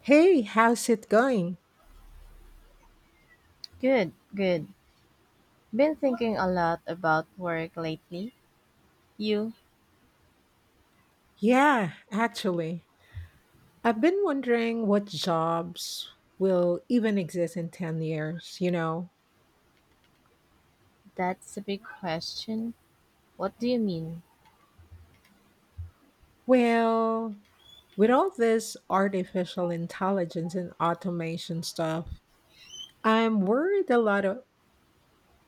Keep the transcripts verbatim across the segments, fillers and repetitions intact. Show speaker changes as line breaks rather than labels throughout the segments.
Hey, how's it going?
Good, good. Been thinking a lot about work lately. You,
Yeah, actually, I've been wondering what jobs will even exist in ten years, you know?
that's a big question. What do you mean?
Well, with all this artificial intelligence and automation stuff, I'm worried a lot of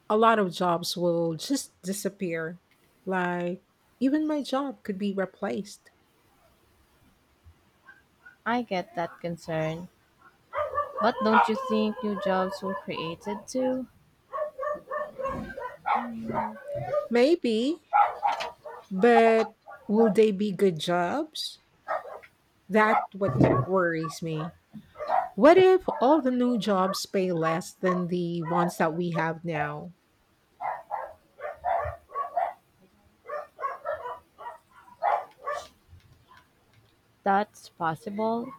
a lot of jobs will just disappear. Like even my job could be replaced.
I get that concern. But don't you think new jobs were created too?
Mm, maybe, but will they be good jobs? That what worries me. What if all the new jobs pay less than the ones that we have now?
That's possible,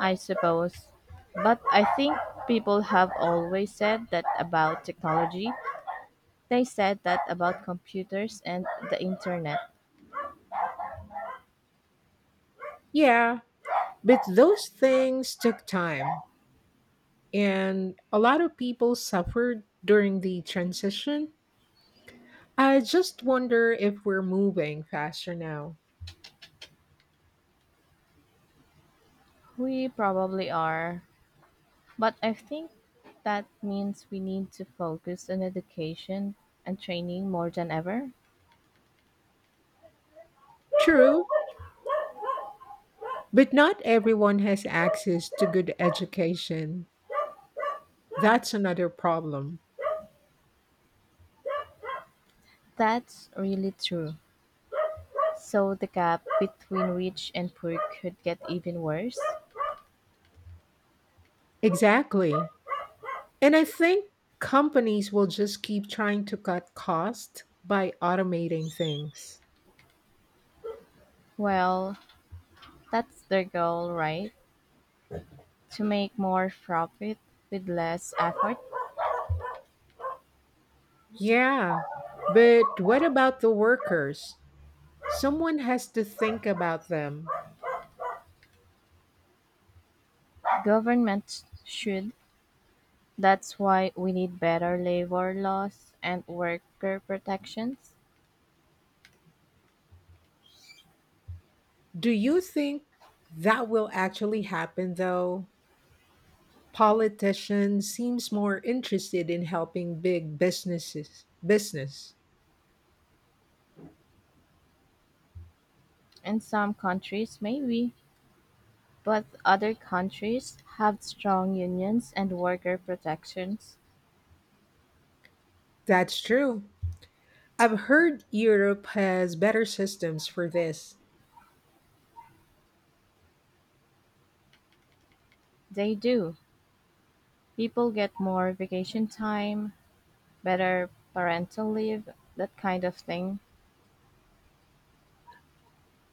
I suppose. But I think people have always said that about technology. They said that about computers and the internet.
Yeah, but those things took time, and a lot of people suffered during the transition. I just wonder if we're moving faster now.
We probably are. But I think that means we need to focus on education and training more than ever.
True, but not everyone has access to good education. That's another problem.
That's really true. So the gap between rich and poor could get even worse.
Exactly. And I think companies will just keep trying to cut costs by automating things.
Well, that's their goal, right? To make more profit with less effort.
Yeah, but what about the workers? Someone has to think about them.
Government should. That's why we need better labor laws and worker protections.
Do you think that will actually happen though? Politicians seems more interested in helping big businesses. Business.
In some countries, maybe. But other countries have strong unions and worker protections.
That's true. I've heard Europe has better systems for this.
They do. People get more vacation time, better parental leave, that kind of thing.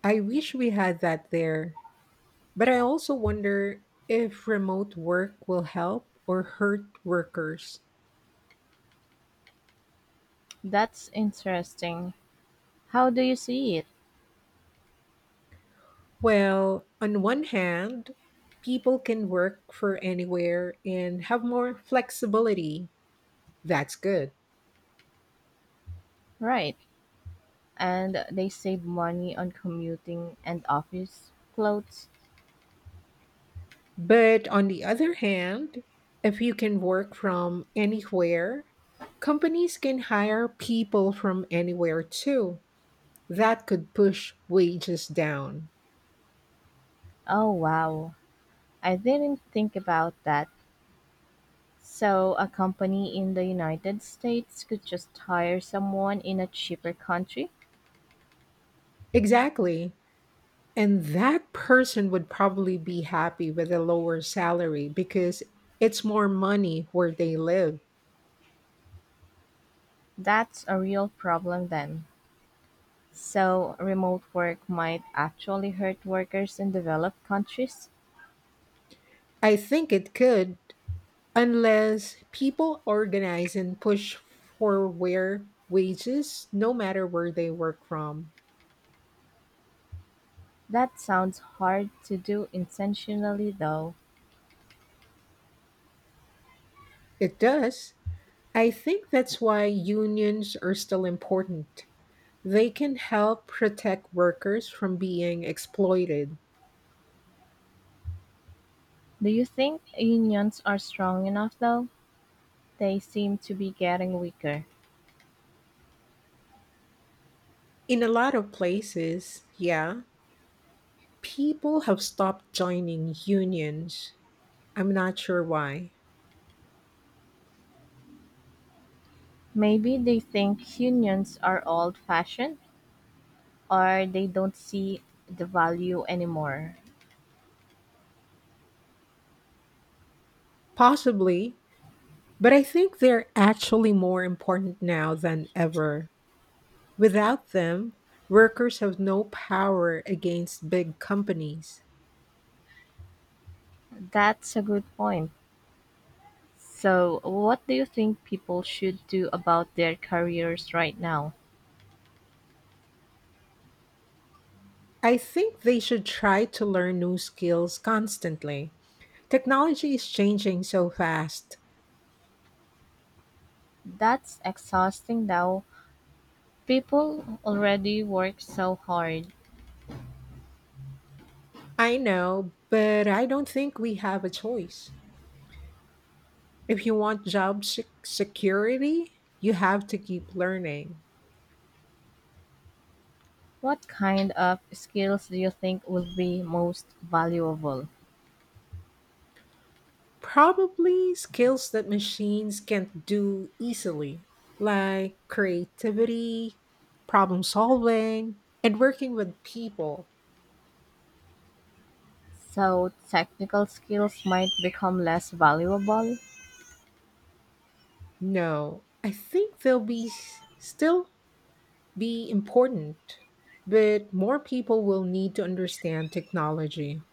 I wish we had that there. But I also wonder if remote work will help or hurt workers.
That's interesting. How do you see it?
Well, on one hand, people can work for anywhere and have more flexibility. That's good.
Right. And they save money on commuting and office clothes.
But on the other hand, if you can work from anywhere, companies can hire people from anywhere too. That could push wages down.
Oh, wow. I didn't think about that. So, a company in the United States could just hire someone in a cheaper country?
Exactly. And that person would probably be happy with a lower salary because it's more money where they live.
That's a real problem then. So, remote work might actually hurt workers in developed countries?
I think it could, unless people organize and push for fair wages, no matter where they work from,
That sounds hard to do intentionally, though.
it does. I think that's why unions are still important. They can help protect workers from being exploited.
Do you think unions are strong enough, though? They seem to be getting weaker.
In a lot of places, yeah, people have stopped joining unions. I'm not sure why.
Maybe they think unions are old fashioned, or they don't see the value anymore.
Possibly, but I think they're actually more important now than ever. Without them, workers have no power against big companies.
That's a good point. So, what do you think people should do about their careers right now?
I think they should try to learn new skills constantly. Technology is changing so fast.
That's exhausting though. People already work so hard.
I know, but I don't think we have a choice. If you want job sec- security, you have to keep learning.
What kind of skills do you think would be most valuable?
Probably skills that machines can't do easily, like creativity, problem solving, and working with people.
So, technical skills might become less valuable?
No, I think they'll be s- still be important, but more people will need to understand technology.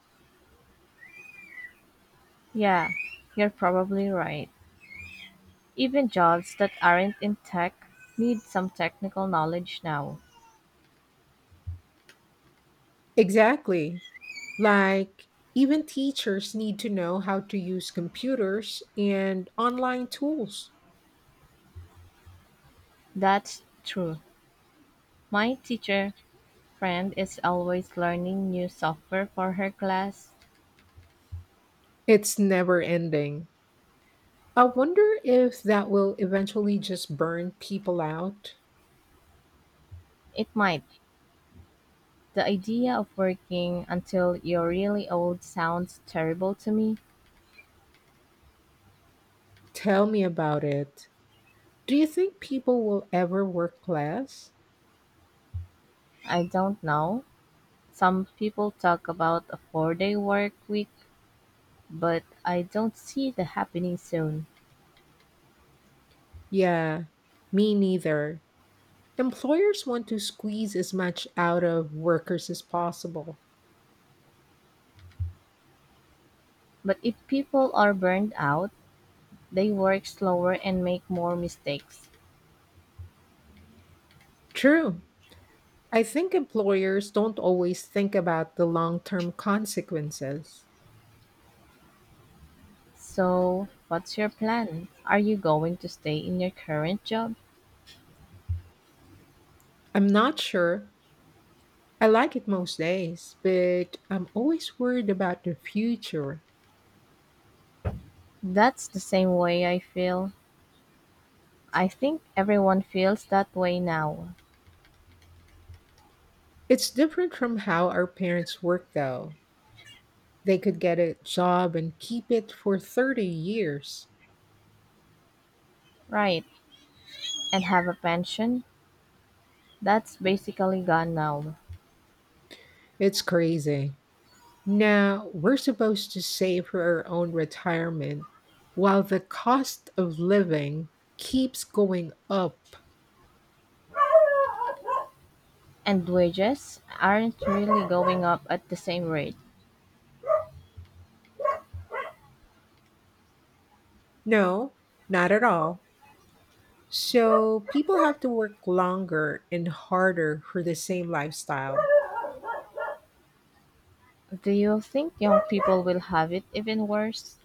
Yeah, you're probably right. Even jobs that aren't in tech need some technical knowledge now.
Exactly. Like even teachers need to know how to use computers and online tools.
That's true. My teacher friend is always learning new software for her class.
It's never ending. I wonder if that will eventually just burn people out.
It might. The idea of working until you're really old sounds terrible to me.
Tell me about it. Do you think people will ever work less?
I don't know. Some people talk about a four day work week, but I don't see the happening soon.
Yeah, me neither. Employers want to squeeze as much out of workers as possible.
But if people are burned out, they work slower and make more mistakes.
True. I think employers don't always think about the long term consequences.
So, what's your plan? Are you going to stay in your current job?
I'm not sure. I like it most days, but I'm always worried about the future.
That's the same way I feel. I think everyone feels that way now.
It's different from how our parents worked, though. They could get a job and keep it for thirty years.
Right. And have a pension? That's basically gone now.
It's crazy. Now, we're supposed to save for our own retirement while the cost of living keeps going up.
And wages aren't really going up at the same rate.
No, not at all. So, people have to work longer and harder for the same lifestyle.
Do you think young people will have it even worse?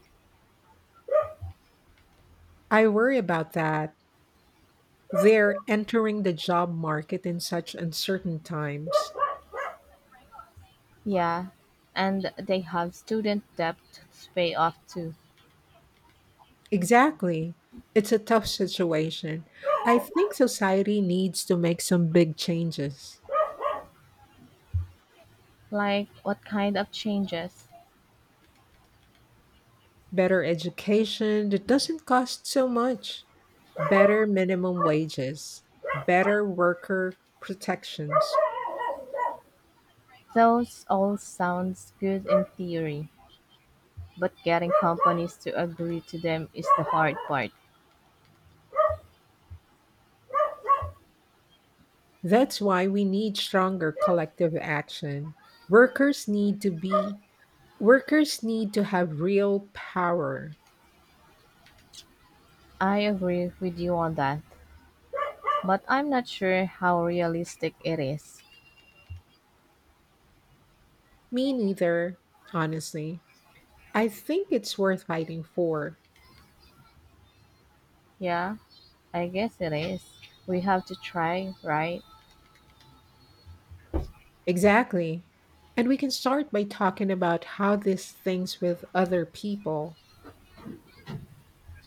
I worry about that. They're entering the job market in such uncertain times.
Yeah, and they have student debt to pay off too.
Exactly. It's a tough situation. I think society needs to make some big changes.
Like, what kind of changes?
Better education that doesn't cost so much, better minimum wages, better worker protections.
Those all sounds good in theory, but getting companies to agree to them is the hard part.
That's why we need stronger collective action. Workers need to be Workers need to have real power.
I agree with you on that, but I'm not sure how realistic it is.
Me neither, honestly. I think it's worth fighting for.
Yeah. I guess it is. We have to try, right?
Exactly. And we can start by talking about how this things with other people.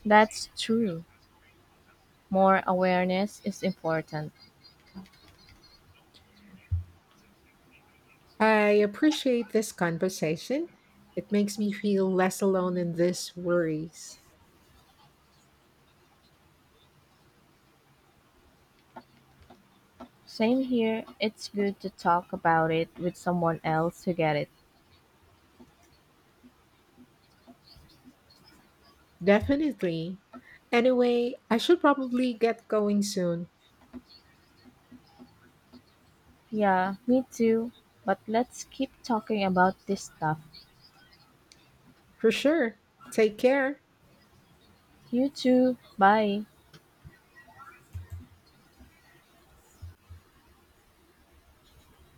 That's true. More awareness is important.
I appreciate this conversation. It makes me feel less alone in these worries.
Same here. It's good to talk about it with someone else who get it.
Definitely. Anyway, I should probably get going soon.
Yeah, me too. But let's keep talking about this stuff.
For sure. Take care.
You too. Bye.